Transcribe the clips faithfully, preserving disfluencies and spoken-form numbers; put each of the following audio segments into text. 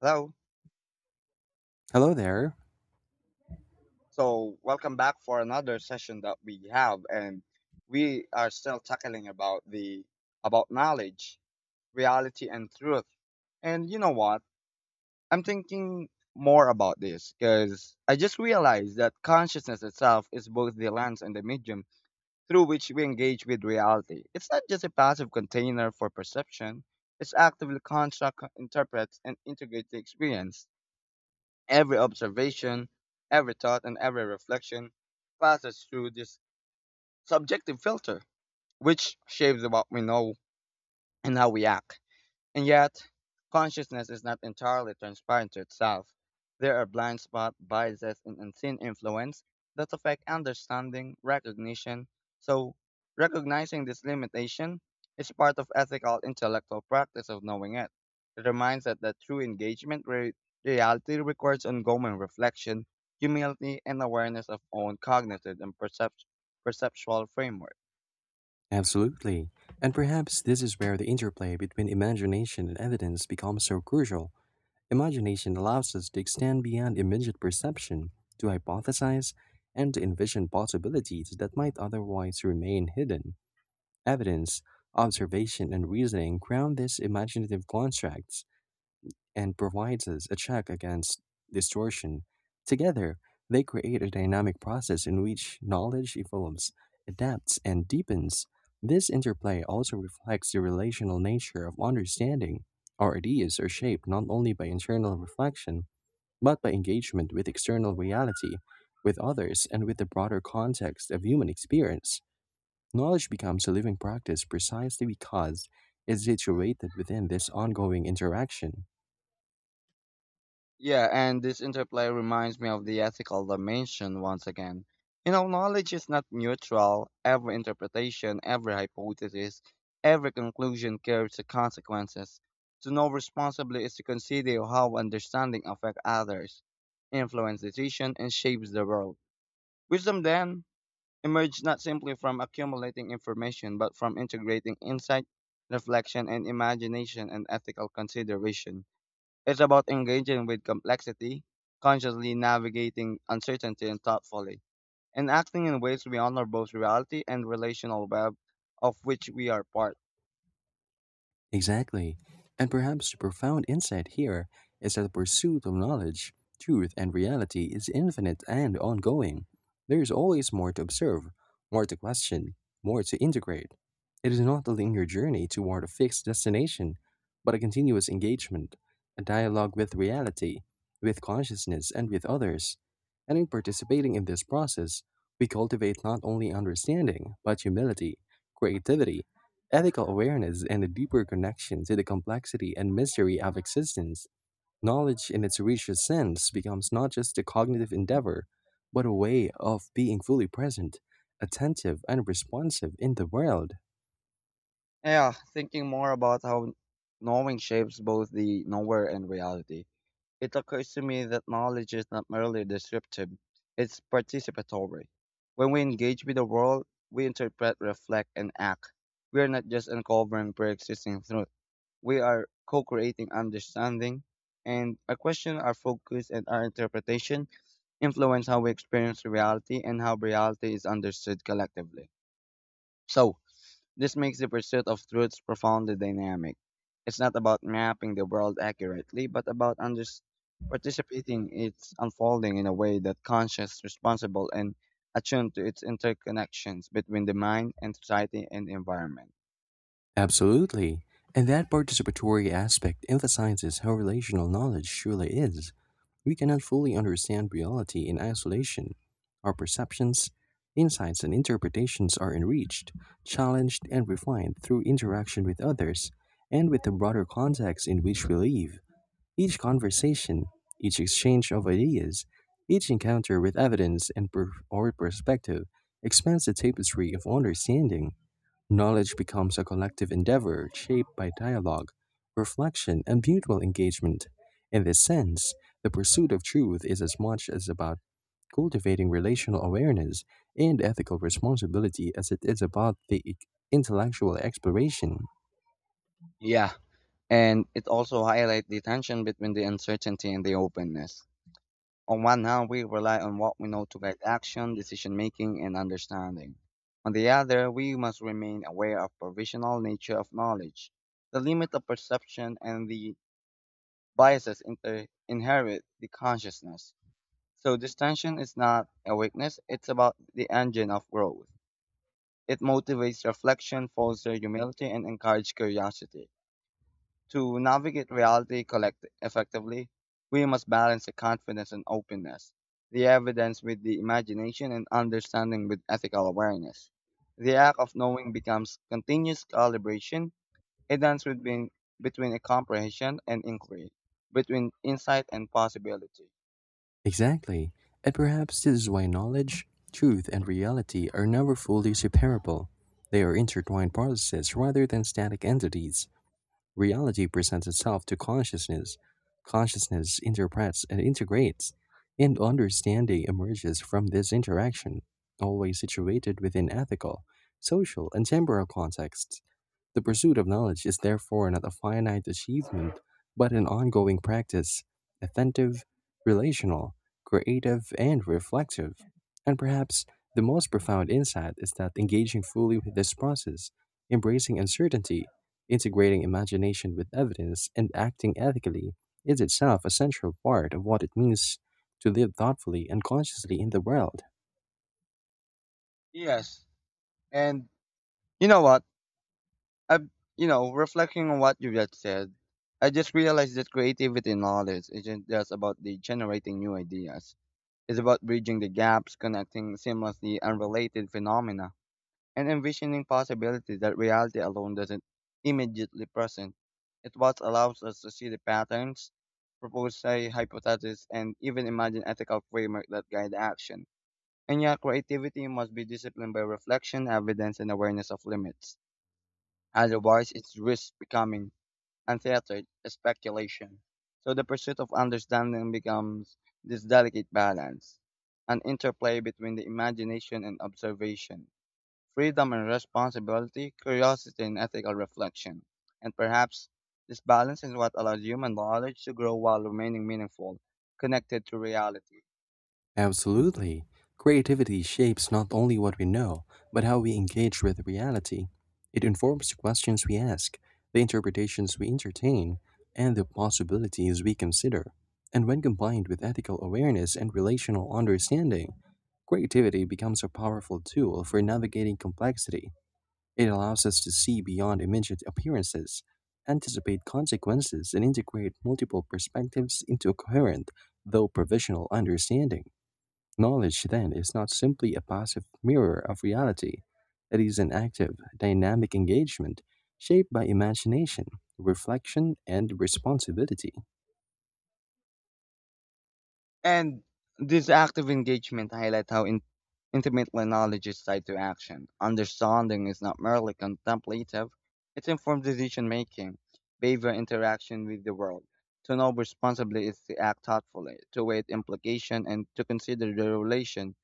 Hello. Hello there. So welcome back for another session that we have, and we are still tackling about the about knowledge, reality, and truth. And you know what? I'm thinking more about this because I just realized that consciousness itself is both the lens and the medium through which we engage with reality. It's not just a passive container for perception. It's actively construct, interprets, and integrates the experience. Every observation, every thought, and every reflection passes through this subjective filter, which shapes what we know and how we act. And yet, consciousness is not entirely transparent to itself. There are blind spot biases and unseen influence that affect understanding, recognition. So, recognizing this limitation is part of ethical intellectual practice of knowing it. It reminds us that true engagement with reality requires ongoing reflection, humility, and awareness of own cognitive and percept- perceptual framework. Absolutely. And perhaps this is where the interplay between imagination and evidence becomes so crucial. Imagination allows us to extend beyond immediate perception, to hypothesize, and to envision possibilities that might otherwise remain hidden. Evidence, observation, and reasoning ground these imaginative constructs, and provides us a check against distortion. Together, they create a dynamic process in which knowledge evolves, adapts, and deepens. This interplay also reflects the relational nature of understanding. Our ideas are shaped not only by internal reflection, but by engagement with external reality, with others, and with the broader context of human experience. Knowledge becomes a living practice precisely because it's situated within this ongoing interaction. Yeah, and this interplay reminds me of the ethical dimension once again. You know, knowledge is not neutral. Every interpretation, every hypothesis, every conclusion carries the consequences. To know responsibly is to consider how understanding affects others, influence decision, and shapes the world. Wisdom then emerges not simply from accumulating information, but from integrating insight, reflection, and imagination and ethical consideration. It's about engaging with complexity, consciously navigating uncertainty and thoughtfully, and acting in ways we honor both reality and relational web of which we are part. Exactly. And perhaps the profound insight here is that the pursuit of knowledge, truth, and reality is infinite and ongoing. There is always more to observe, more to question, more to integrate. It is not a linear journey toward a fixed destination, but a continuous engagement, a dialogue with reality, with consciousness, and with others. And in participating in this process, we cultivate not only understanding, but humility, creativity, ethical awareness, and a deeper connection to the complexity and mystery of existence. Knowledge in its richest sense becomes not just a cognitive endeavor, but a way of being fully present, attentive, and responsive in the world. Yeah, thinking more about how knowing shapes both the knower and reality. It occurs to me that knowledge is not merely descriptive, it's participatory. When we engage with the world, we interpret, reflect, and act. We are not just uncovering pre-existing truths. We are co creating understanding, and our question, our focus, and our interpretation influence how we experience reality and how reality is understood collectively. So, this makes the pursuit of truths profoundly dynamic. It's not about mapping the world accurately, but about under- participating its unfolding in a way that conscious, responsible, and attuned to its interconnections between the mind and society and environment. Absolutely. And that participatory aspect emphasizes how relational knowledge truly is. We cannot fully understand reality in isolation. Our perceptions, insights, and interpretations are enriched, challenged, and refined through interaction with others and with the broader context in which we live. Each conversation, each exchange of ideas, each encounter with evidence and per- or perspective expands the tapestry of understanding. Knowledge becomes a collective endeavor shaped by dialogue, reflection, and mutual engagement. In this sense, the pursuit of truth is as much as about cultivating relational awareness and ethical responsibility as it is about the i- intellectual exploration. Yeah. And it also highlights the tension between the uncertainty and the openness. On one hand, we rely on what we know to guide action, decision making, and understanding. On the other, we must remain aware of provisional nature of knowledge, the limit of perception, and the biases inter- inherit the consciousness. So this tension is not a weakness; it's about the engine of growth. It motivates reflection, fosters humility, and encourages curiosity. To navigate reality collect- effectively, we must balance the confidence and openness, the evidence with the imagination and understanding with ethical awareness. The act of knowing becomes continuous calibration, a dance between, between a comprehension and inquiry, between insight and possibility. Exactly. And perhaps this is why knowledge, truth, and reality are never fully separable. They are intertwined processes rather than static entities. Reality presents itself to consciousness. Consciousness interprets and integrates, and understanding emerges from this interaction, always situated within ethical, social, and temporal contexts. The pursuit of knowledge is therefore not a finite achievement, but an ongoing practice, attentive, relational, creative, and reflective. And perhaps the most profound insight is that engaging fully with this process, embracing uncertainty, integrating imagination with evidence, and acting ethically is itself a central part of what it means to live thoughtfully and consciously in the world. Yes, and you know what? I, you know, reflecting on what you just said, I just realized that creativity and knowledge isn't just about the generating new ideas is about bridging the gaps, connecting seamlessly unrelated phenomena, and envisioning possibilities that reality alone doesn't immediately present. It what allows us to see the patterns, propose a hypothesis, and even imagine ethical framework that guide action. And yet, creativity must be disciplined by reflection, evidence, and awareness of limits. Otherwise, it risks becoming and theatre, theatered speculation. So the pursuit of understanding becomes this delicate balance, an interplay between the imagination and observation, freedom and responsibility, curiosity and ethical reflection. And perhaps this balance is what allows human knowledge to grow while remaining meaningful, connected to reality. Absolutely. Creativity shapes not only what we know, but how we engage with reality. It informs the questions we ask, the interpretations we entertain, and the possibilities we consider. And when combined with ethical awareness and relational understanding, creativity becomes a powerful tool for navigating complexity. It allows us to see beyond immediate appearances, anticipate consequences, and integrate multiple perspectives into a coherent, though provisional, understanding. Knowledge, then, is not simply a passive mirror of reality, it is an active, dynamic engagement shaped by imagination, reflection, and responsibility. And this active engagement highlights how in- intimately knowledge is tied to action. Understanding is not merely contemplative, it's informed decision making, behavior interaction with the world. To know responsibly is to act thoughtfully, to weigh implication, and to consider the relation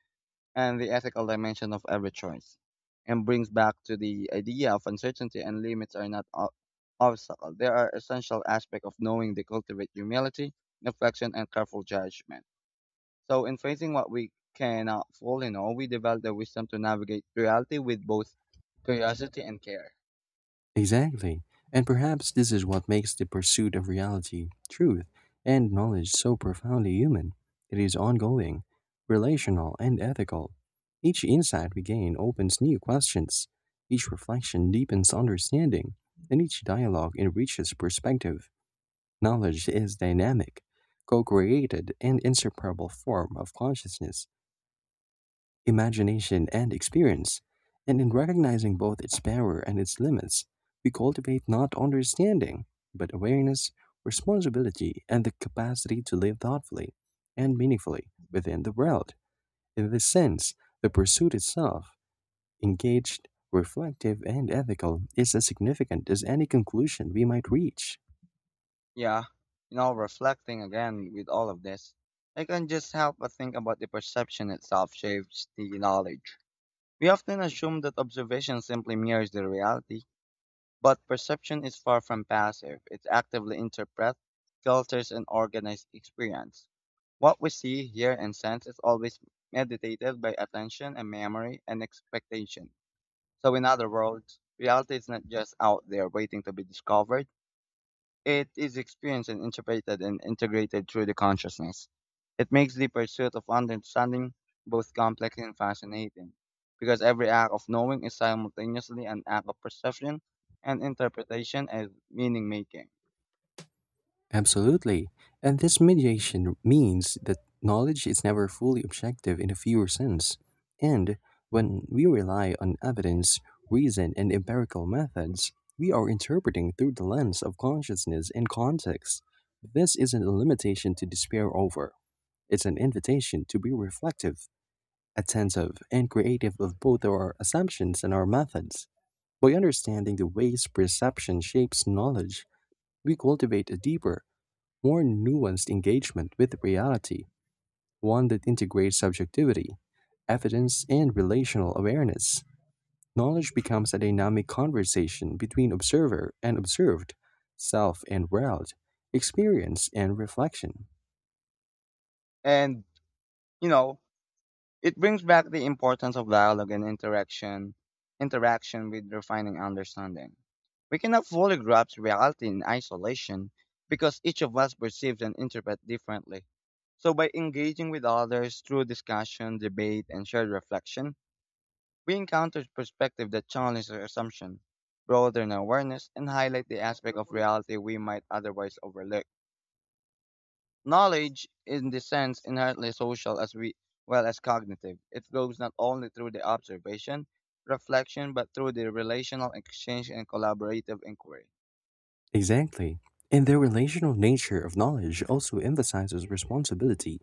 and the ethical dimension of every choice. And brings back to the idea of uncertainty and limits are not ob- obstacle. They are essential aspect of knowing they cultivate humility, reflection, and careful judgment. So, in facing what we cannot fully know, we develop the wisdom to navigate reality with both curiosity and care. Exactly. And perhaps this is what makes the pursuit of reality, truth, and knowledge so profoundly human. It is ongoing, relational, and ethical. Each insight we gain opens new questions, each reflection deepens understanding, and each dialogue enriches perspective. Knowledge is dynamic, co created and inseparable form of consciousness, imagination, and experience, and in recognizing both its power and its limits, we cultivate not understanding, but awareness, responsibility, and the capacity to live thoughtfully and meaningfully within the world. In this sense, the pursuit itself, engaged, reflective, and ethical, is as significant as any conclusion we might reach. Yeah, you know, reflecting again with all of this, I can just help but think about the perception itself shapes the knowledge. We often assume that observation simply mirrors the reality, but perception is far from passive. It actively interprets, filters, and organizes experience. What we see, hear, and sense is always mediated by attention and memory and expectation. So, in other words, reality is not just out there waiting to be discovered, it is experienced and interpreted and integrated through the consciousness. It makes the pursuit of understanding both complex and fascinating, because every act of knowing is simultaneously an act of perception and interpretation and meaning making. Absolutely. And this mediation means that knowledge is never fully objective in a pure sense. And when we rely on evidence, reason, and empirical methods, we are interpreting through the lens of consciousness and context. This isn't a limitation to despair over, it's an invitation to be reflective, attentive, and creative of both our assumptions and our methods. By understanding the ways perception shapes knowledge, we cultivate a deeper, more nuanced engagement with reality, one that integrates subjectivity, evidence, and relational awareness. Knowledge becomes a dynamic conversation between observer and observed, self and world, experience and reflection. And, you know, it brings back the importance of dialogue and interaction, interaction with refining understanding. We cannot fully grasp reality in isolation because each of us perceives and interprets differently. So by engaging with others through discussion, debate, and shared reflection, we encounter perspectives that challenge our assumptions, broaden awareness, and highlight the aspect of reality we might otherwise overlook. Knowledge is in this sense inherently social as we, well as cognitive. It flows not only through the observation, reflection, but through the relational exchange and collaborative inquiry. Exactly. And the relational nature of knowledge also emphasizes responsibility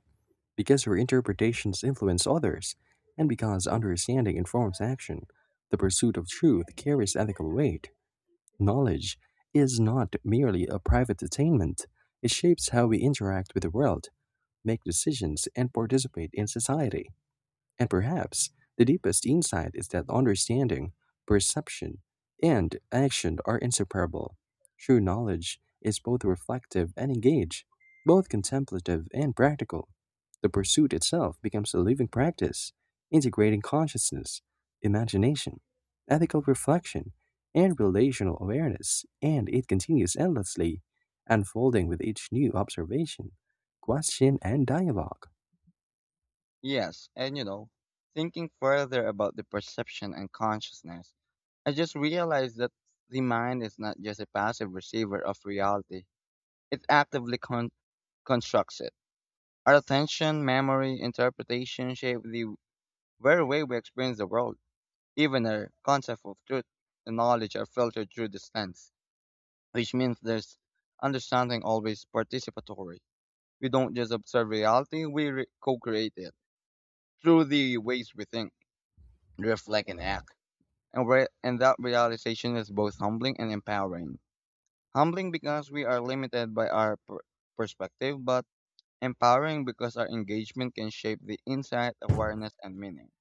because our interpretations influence others, and because understanding informs action. The pursuit of truth carries ethical weight. Knowledge is not merely a private attainment, it shapes how we interact with the world, make decisions, and participate in society. And perhaps the deepest insight is that understanding, perception, and action are inseparable. True knowledge is both reflective and engaged, both contemplative and practical. The pursuit itself becomes a living practice, integrating consciousness, imagination, ethical reflection, and relational awareness, and it continues endlessly, unfolding with each new observation, question, and dialogue. Yes, and you know, thinking further about the perception and consciousness, I just realized that the mind is not just a passive receiver of reality. It actively con- constructs it. Our attention, memory, interpretation shape the very way we experience the world. Even our concept of truth and knowledge are filtered through this lens, which means there's understanding always participatory. We don't just observe reality, we re- co-create it through the ways we think, reflect, and act. And, re- and that realization is both humbling and empowering. Humbling because we are limited by our per- perspective, but empowering because our engagement can shape the insight, awareness, and meaning.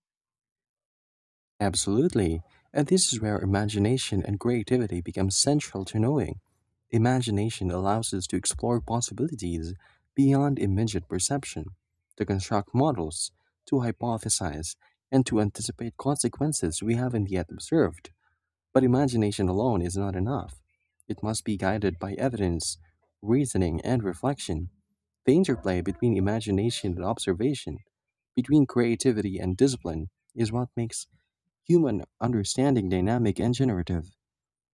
Absolutely. And this is where imagination and creativity become central to knowing. Imagination allows us to explore possibilities beyond immediate perception, to construct models, to hypothesize, and to anticipate consequences we haven't yet observed. But imagination alone is not enough. It must be guided by evidence, reasoning, and reflection. The interplay between imagination and observation, between creativity and discipline, is what makes human understanding dynamic and generative.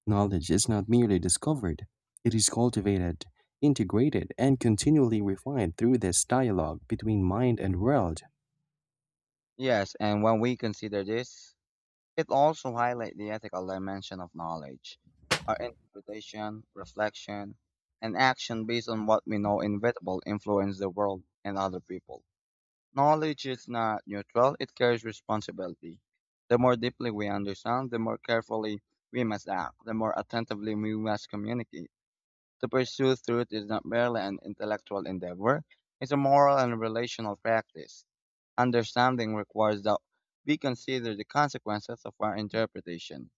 Knowledge is not merely discovered, it is cultivated, integrated, and continually refined through this dialogue between mind and world. Yes, and when we consider this, it also highlights the ethical dimension of knowledge, our interpretation, reflection, and action based on what we know inevitable influence the world and other people. Knowledge is not neutral, it carries responsibility. The more deeply we understand, the more carefully we must act, the more attentively we must communicate. To pursue truth is not merely an intellectual endeavor, it's a moral and relational practice. Understanding requires that we consider the consequences of our interpretation,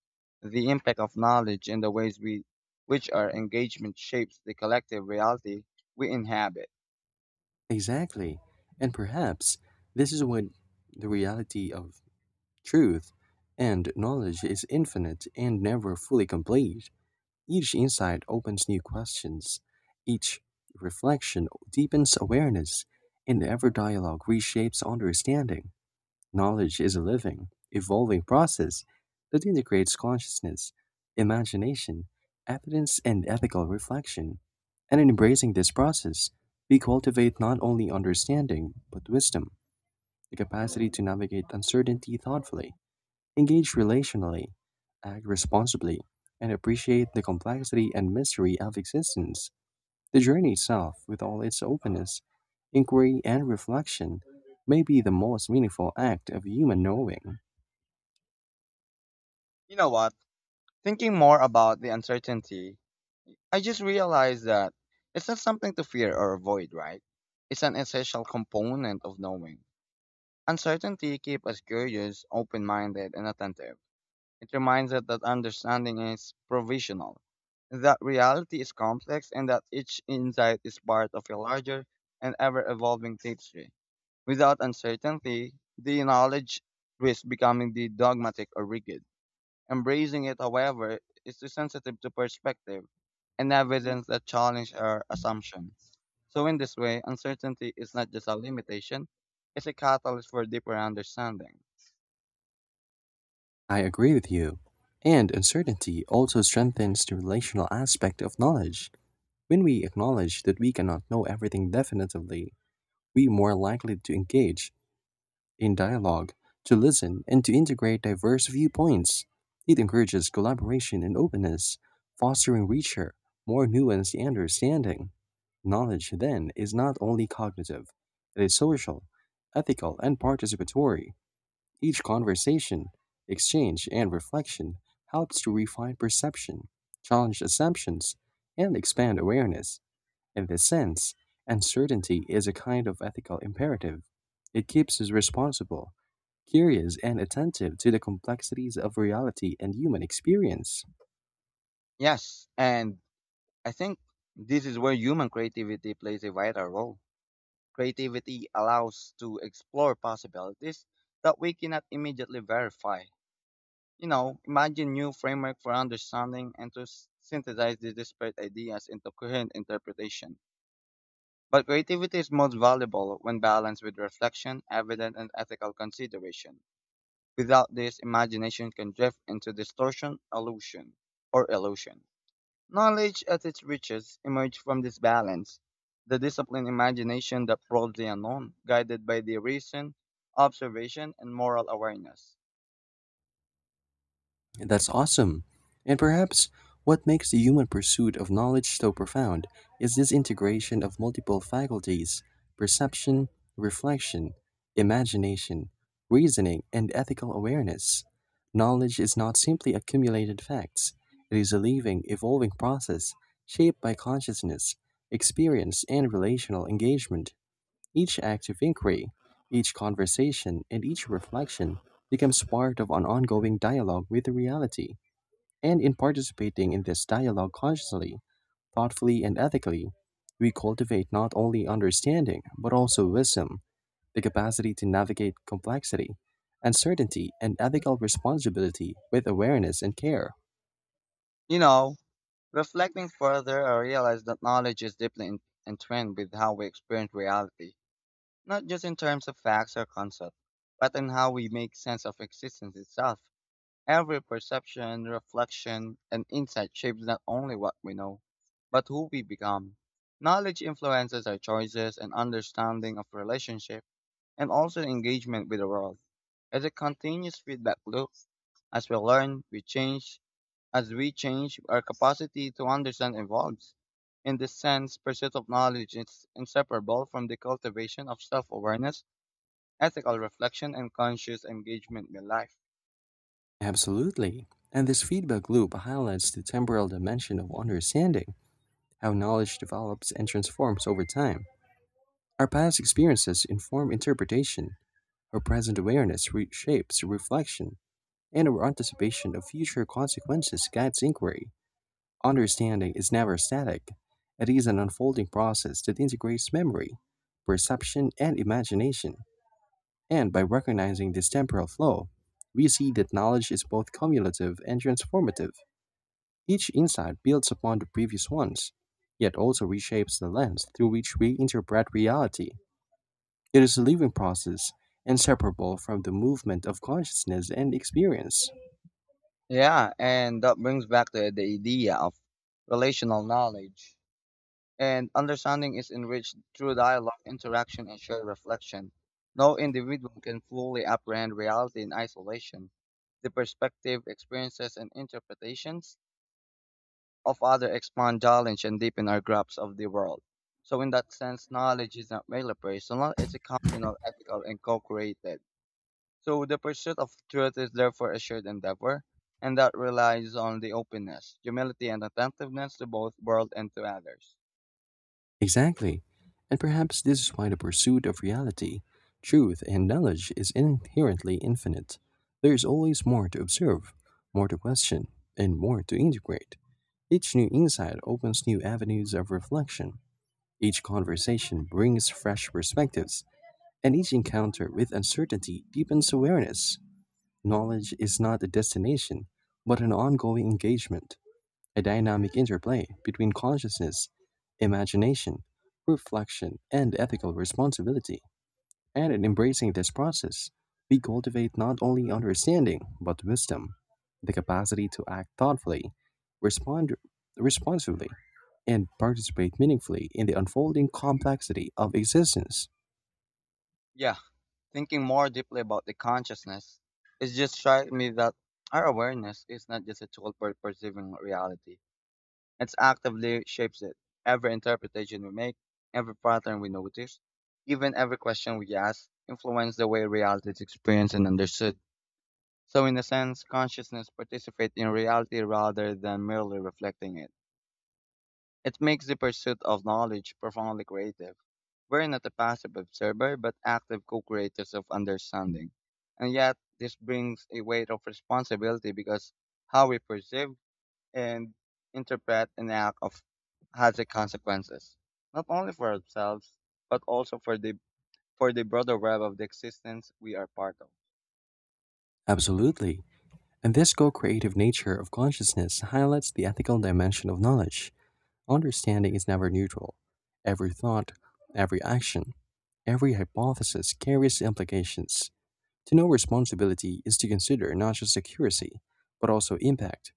the impact of knowledge in the ways we, which our engagement shapes the collective reality we inhabit. Exactly. And perhaps this is what the reality of truth and knowledge is infinite and never fully complete. Each insight opens new questions, each reflection deepens awareness, and every dialogue reshapes understanding. Knowledge is a living, evolving process that integrates consciousness, imagination, evidence, and ethical reflection. And in embracing this process, we cultivate not only understanding, but wisdom, the capacity to navigate uncertainty thoughtfully, engage relationally, act responsibly, and appreciate the complexity and mystery of existence. The journey itself, with all its openness, inquiry, and reflection, may be the most meaningful act of human knowing. You know what? Thinking more about the uncertainty, I just realized that it's not something to fear or avoid, right? It's an essential component of knowing. Uncertainty keeps us curious, open minded, and attentive. It reminds us that understanding is provisional, that reality is complex, and that each insight is part of a larger and ever evolving tapestry. Without uncertainty, the knowledge risks becoming the dogmatic or rigid. Embracing it, however, is too sensitive to perspective and evidence that challenge our assumptions. So, in this way, uncertainty is not just a limitation, it's a catalyst for deeper understanding. I agree with you. And uncertainty also strengthens the relational aspect of knowledge. When we acknowledge that we cannot know everything definitively, we are more likely to engage in dialogue, to listen, and to integrate diverse viewpoints. It encourages collaboration and openness, fostering richer, more nuanced understanding. Knowledge, then, is not only cognitive, it is social, ethical, and participatory. Each conversation, exchange, and reflection helps to refine perception, challenge assumptions, and expand awareness. In this sense, uncertainty is a kind of ethical imperative. It keeps us responsible, curious, and attentive to the complexities of reality and human experience. Yes, and I think this is where human creativity plays a vital role. Creativity allows to explore possibilities that we cannot immediately verify. You know, imagine new framework for understanding and to s- synthesize the disparate ideas into coherent interpretation. But creativity is most valuable when balanced with reflection, evidence, and ethical consideration. Without this, imagination can drift into distortion, illusion, or illusion. Knowledge at its richest emerged from this balance, the disciplined imagination that probes the unknown, guided by the reason, observation, and moral awareness. That's awesome. And perhaps what makes the human pursuit of knowledge so profound is this integration of multiple faculties: perception, reflection, imagination, reasoning, and ethical awareness. Knowledge is not simply accumulated facts, it is a living, evolving process shaped by consciousness, experience, and relational engagement. Each act of inquiry, each conversation, and each reflection becomes part of an ongoing dialogue with reality. And in participating in this dialogue consciously, thoughtfully, and ethically, we cultivate not only understanding, but also wisdom, the capacity to navigate complexity, uncertainty, and ethical responsibility with awareness and care. You know, reflecting further, I realized that knowledge is deeply en- entwined with how we experience reality, not just in terms of facts or concepts, but in how we make sense of existence itself. Every perception, reflection, and insight shapes not only what we know, but who we become. Knowledge influences our choices and understanding of relationship and also engagement with the world. It's a continuous feedback loop. As we learn, we change. As we change, our capacity to understand evolves. In this sense, pursuit of knowledge is inseparable from the cultivation of self-awareness, ethical reflection, and conscious engagement with life. Absolutely. And this feedback loop highlights the temporal dimension of understanding, how knowledge develops and transforms over time. Our past experiences inform interpretation, our present awareness reshapes reflection, and our anticipation of future consequences guides inquiry. Understanding is never static, it is an unfolding process that integrates memory, perception, and imagination. And by recognizing this temporal flow, we see that knowledge is both cumulative and transformative. Each insight builds upon the previous ones, yet also reshapes the lens through which we interpret reality. It is a living process, inseparable from the movement of consciousness and experience. Yeah, and that brings back the, the idea of relational knowledge. And understanding is enriched through dialogue, interaction, and shared reflection. No individual can fully apprehend reality in isolation. The perspective, experiences, and interpretations of others expand knowledge and deepen our grasp of the world. So, in that sense, knowledge is not merely personal, it's a communal, ethical, and co created. So the pursuit of truth is therefore a shared endeavor, and that relies on the openness, humility, and attentiveness to both world and to others. Exactly. And perhaps this is why the pursuit of reality, truth, and knowledge is inherently infinite. There is always more to observe, more to question, and more to integrate. Each new insight opens new avenues of reflection. Each conversation brings fresh perspectives, and each encounter with uncertainty deepens awareness. Knowledge is not a destination, but an ongoing engagement, a dynamic interplay between consciousness, imagination, reflection, and ethical responsibility. And in embracing this process, we cultivate not only understanding, but wisdom, the capacity to act thoughtfully, respond responsibly, and participate meaningfully in the unfolding complexity of existence. Yeah, thinking more deeply about the consciousness, it just strikes me that our awareness is not just a tool for perceiving reality. It actively shapes it. Every interpretation we make, every pattern we notice, even every question we ask, influence the way reality is experienced and understood. So in a sense, consciousness participates in reality rather than merely reflecting it. It makes the pursuit of knowledge profoundly creative. We're not a passive observer, but active co-creators of understanding. And yet, this brings a weight of responsibility because how we perceive and interpret an act of has a consequences, not only for ourselves, but also for the for the broader web of the existence we are part of. Absolutely. And this co creative nature of consciousness highlights the ethical dimension of knowledge. Understanding is never neutral. Every thought, every action, every hypothesis carries implications. To know responsibility is to consider not just accuracy, but also impact,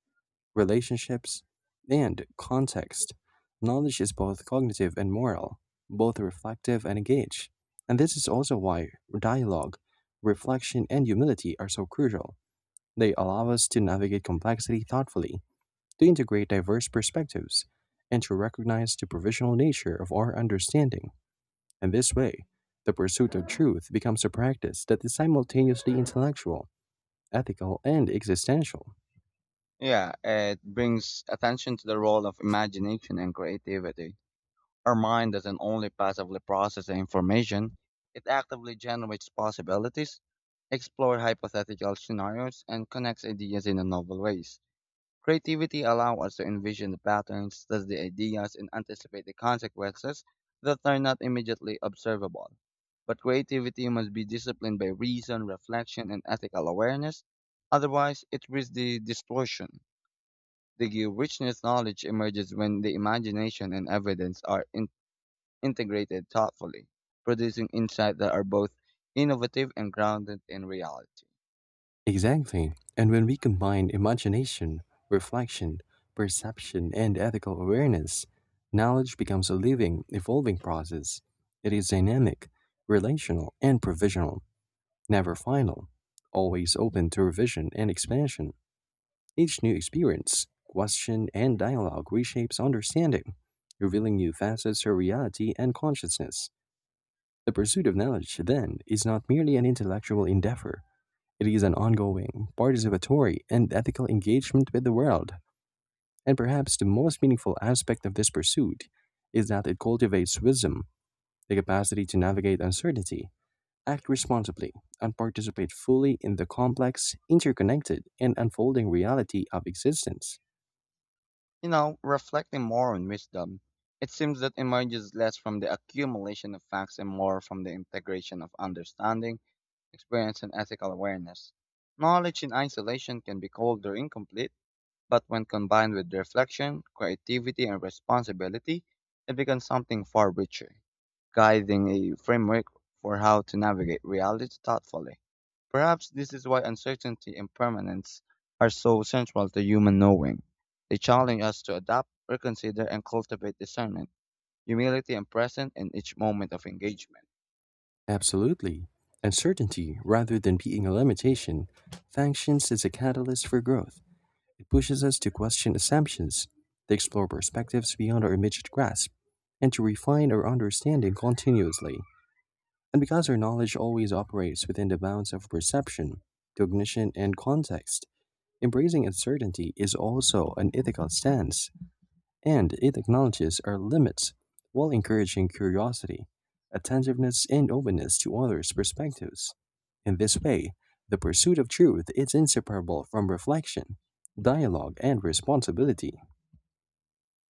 relationships, and context. Knowledge is both cognitive and moral, both reflective and engaged. And this is also why dialogue, reflection, and humility are so crucial. They allow us to navigate complexity thoughtfully, to integrate diverse perspectives, and to recognize the provisional nature of our understanding. In this way, the pursuit of truth becomes a practice that is simultaneously intellectual, ethical, and existential. Yeah, it brings attention to the role of imagination and creativity. Our mind doesn't only passively process the information, it actively generates possibilities, explores hypothetical scenarios, and connects ideas in a novel ways. Creativity allows us to envision the patterns, test the ideas, and anticipate the consequences that are not immediately observable. But creativity must be disciplined by reason, reflection, and ethical awareness, otherwise, it risks the distortion. The richness knowledge emerges when the imagination and evidence are in- integrated thoughtfully, producing insights that are both innovative and grounded in reality. Exactly. And when we combine imagination, reflection, perception, and ethical awareness, knowledge becomes a living, evolving process. It is dynamic, relational, and provisional, never final, always open to revision and expansion. Each new experience, question, and dialogue reshapes understanding, revealing new facets of reality and consciousness. The pursuit of knowledge, then, is not merely an intellectual endeavor, it is an ongoing, participatory, and ethical engagement with the world. And perhaps the most meaningful aspect of this pursuit is that it cultivates wisdom, the capacity to navigate uncertainty, act responsibly, and participate fully in the complex, interconnected, and unfolding reality of existence. You know, reflecting more on wisdom, it seems that emerges less from the accumulation of facts and more from the integration of understanding, experience, and ethical awareness. Knowledge in isolation can be cold or incomplete, but when combined with reflection, creativity, and responsibility, it becomes something far richer, guiding a framework for how to navigate reality thoughtfully. Perhaps this is why uncertainty and permanence are so central to human knowing. They challenge us to adapt, reconsider, and cultivate discernment, humility, and presence in each moment of engagement. Absolutely. Uncertainty, rather than being a limitation, functions as a catalyst for growth. It pushes us to question assumptions, to explore perspectives beyond our immediate grasp, and to refine our understanding continuously. And because our knowledge always operates within the bounds of perception, cognition, and context, embracing uncertainty is also an ethical stance, and it acknowledges our limits while encouraging curiosity, attentiveness, and openness to others' perspectives. In this way, the pursuit of truth is inseparable from reflection, dialogue, and responsibility.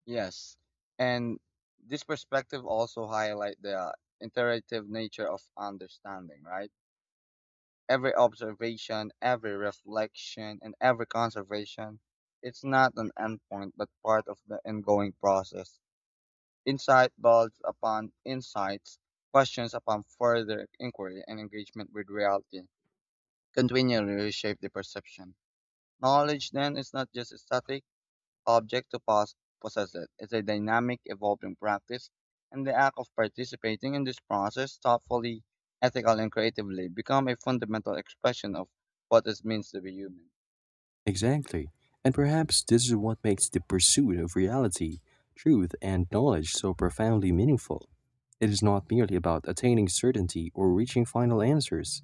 Yes, and this perspective also highlight the iterative nature of understanding, right? Every observation, every reflection, and every conservation. It's not an endpoint, but part of the ongoing process. Insight builds upon insights, questions upon further inquiry, and engagement with reality continually reshape the perception. Knowledge then is not just static object to pos- possess it. It's a dynamic, evolving practice, and the act of participating in this process thoughtfully, ethically, and creatively become a fundamental expression of what it means to be human. Exactly. And perhaps this is what makes the pursuit of reality, truth, and knowledge so profoundly meaningful. It is not merely about attaining certainty or reaching final answers,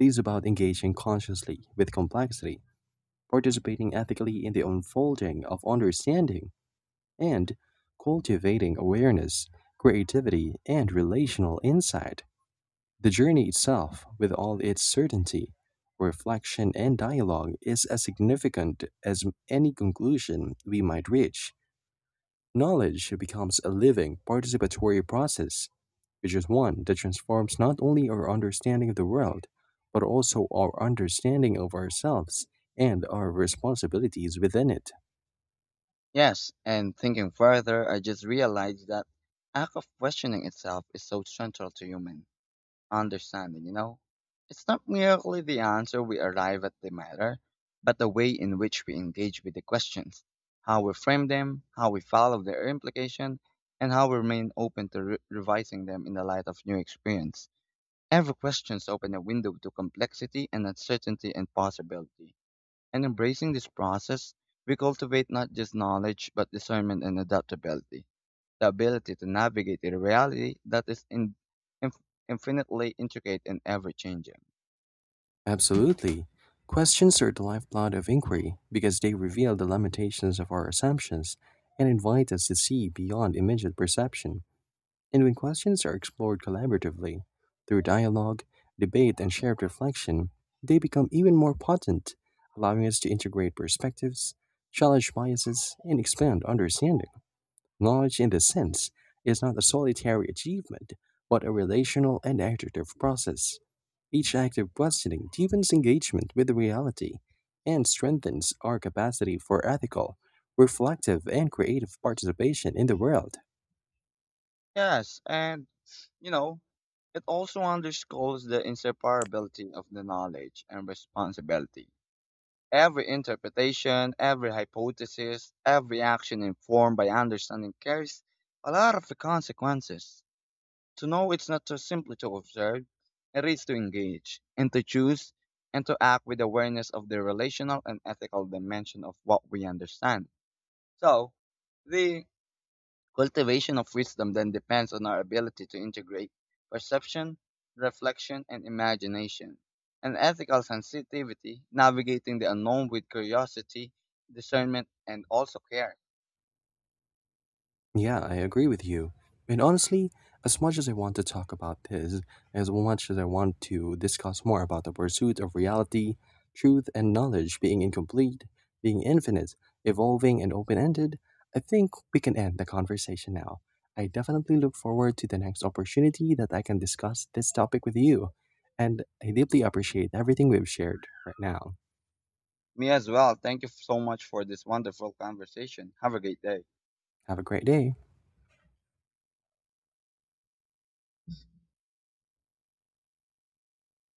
it is about engaging consciously with complexity, participating ethically in the unfolding of understanding, and cultivating awareness, creativity, and relational insight. The journey itself, with all its certainty, reflection, and dialogue, is as significant as any conclusion we might reach. Knowledge becomes a living, participatory process, which is one that transforms not only our understanding of the world, but also our understanding of ourselves and our responsibilities within it. Yes, and thinking further, I just realized that act of questioning itself is so central to human understanding, you know? It's not merely the answer we arrive at the matter, but the way in which we engage with the questions, how we frame them, how we follow their implication, and how we remain open to re- revising them in the light of new experience. Every questions open a window to complexity and uncertainty and possibility. And embracing this process, we cultivate not just knowledge, but discernment and adaptability, the ability to navigate a reality that is in, inf- infinitely intricate and ever changing. Absolutely. Questions are the lifeblood of inquiry because they reveal the limitations of our assumptions and invite us to see beyond immediate perception. And when questions are explored collaboratively, through dialogue, debate, and shared reflection, they become even more potent, allowing us to integrate perspectives, challenge biases, and expand understanding. Knowledge, in this sense, is not a solitary achievement, but a relational and iterative process. Each active questioning deepens engagement with reality and strengthens our capacity for ethical, reflective, and creative participation in the world. Yes, and you know, it also underscores the inseparability of the knowledge and responsibility. Every interpretation, every hypothesis, every action informed by understanding carries a lot of the consequences. To know it's not just simply to observe, it is to engage and to choose and to act with awareness of the relational and ethical dimension of what we understand. So, the cultivation of wisdom then depends on our ability to integrate perception, reflection, and imagination, and ethical sensitivity, navigating the unknown with curiosity, discernment, and also care. Yeah, I agree with you. And honestly, as much as I want to talk about this, as much as I want to discuss more about the pursuit of reality, truth, and knowledge being incomplete, being infinite, evolving, and open ended, I think we can end the conversation now. I definitely look forward to the next opportunity that I can discuss this topic with you. And I deeply appreciate everything we've shared right now. Me as well. Thank you so much for this wonderful conversation. Have a great day. Have a great day.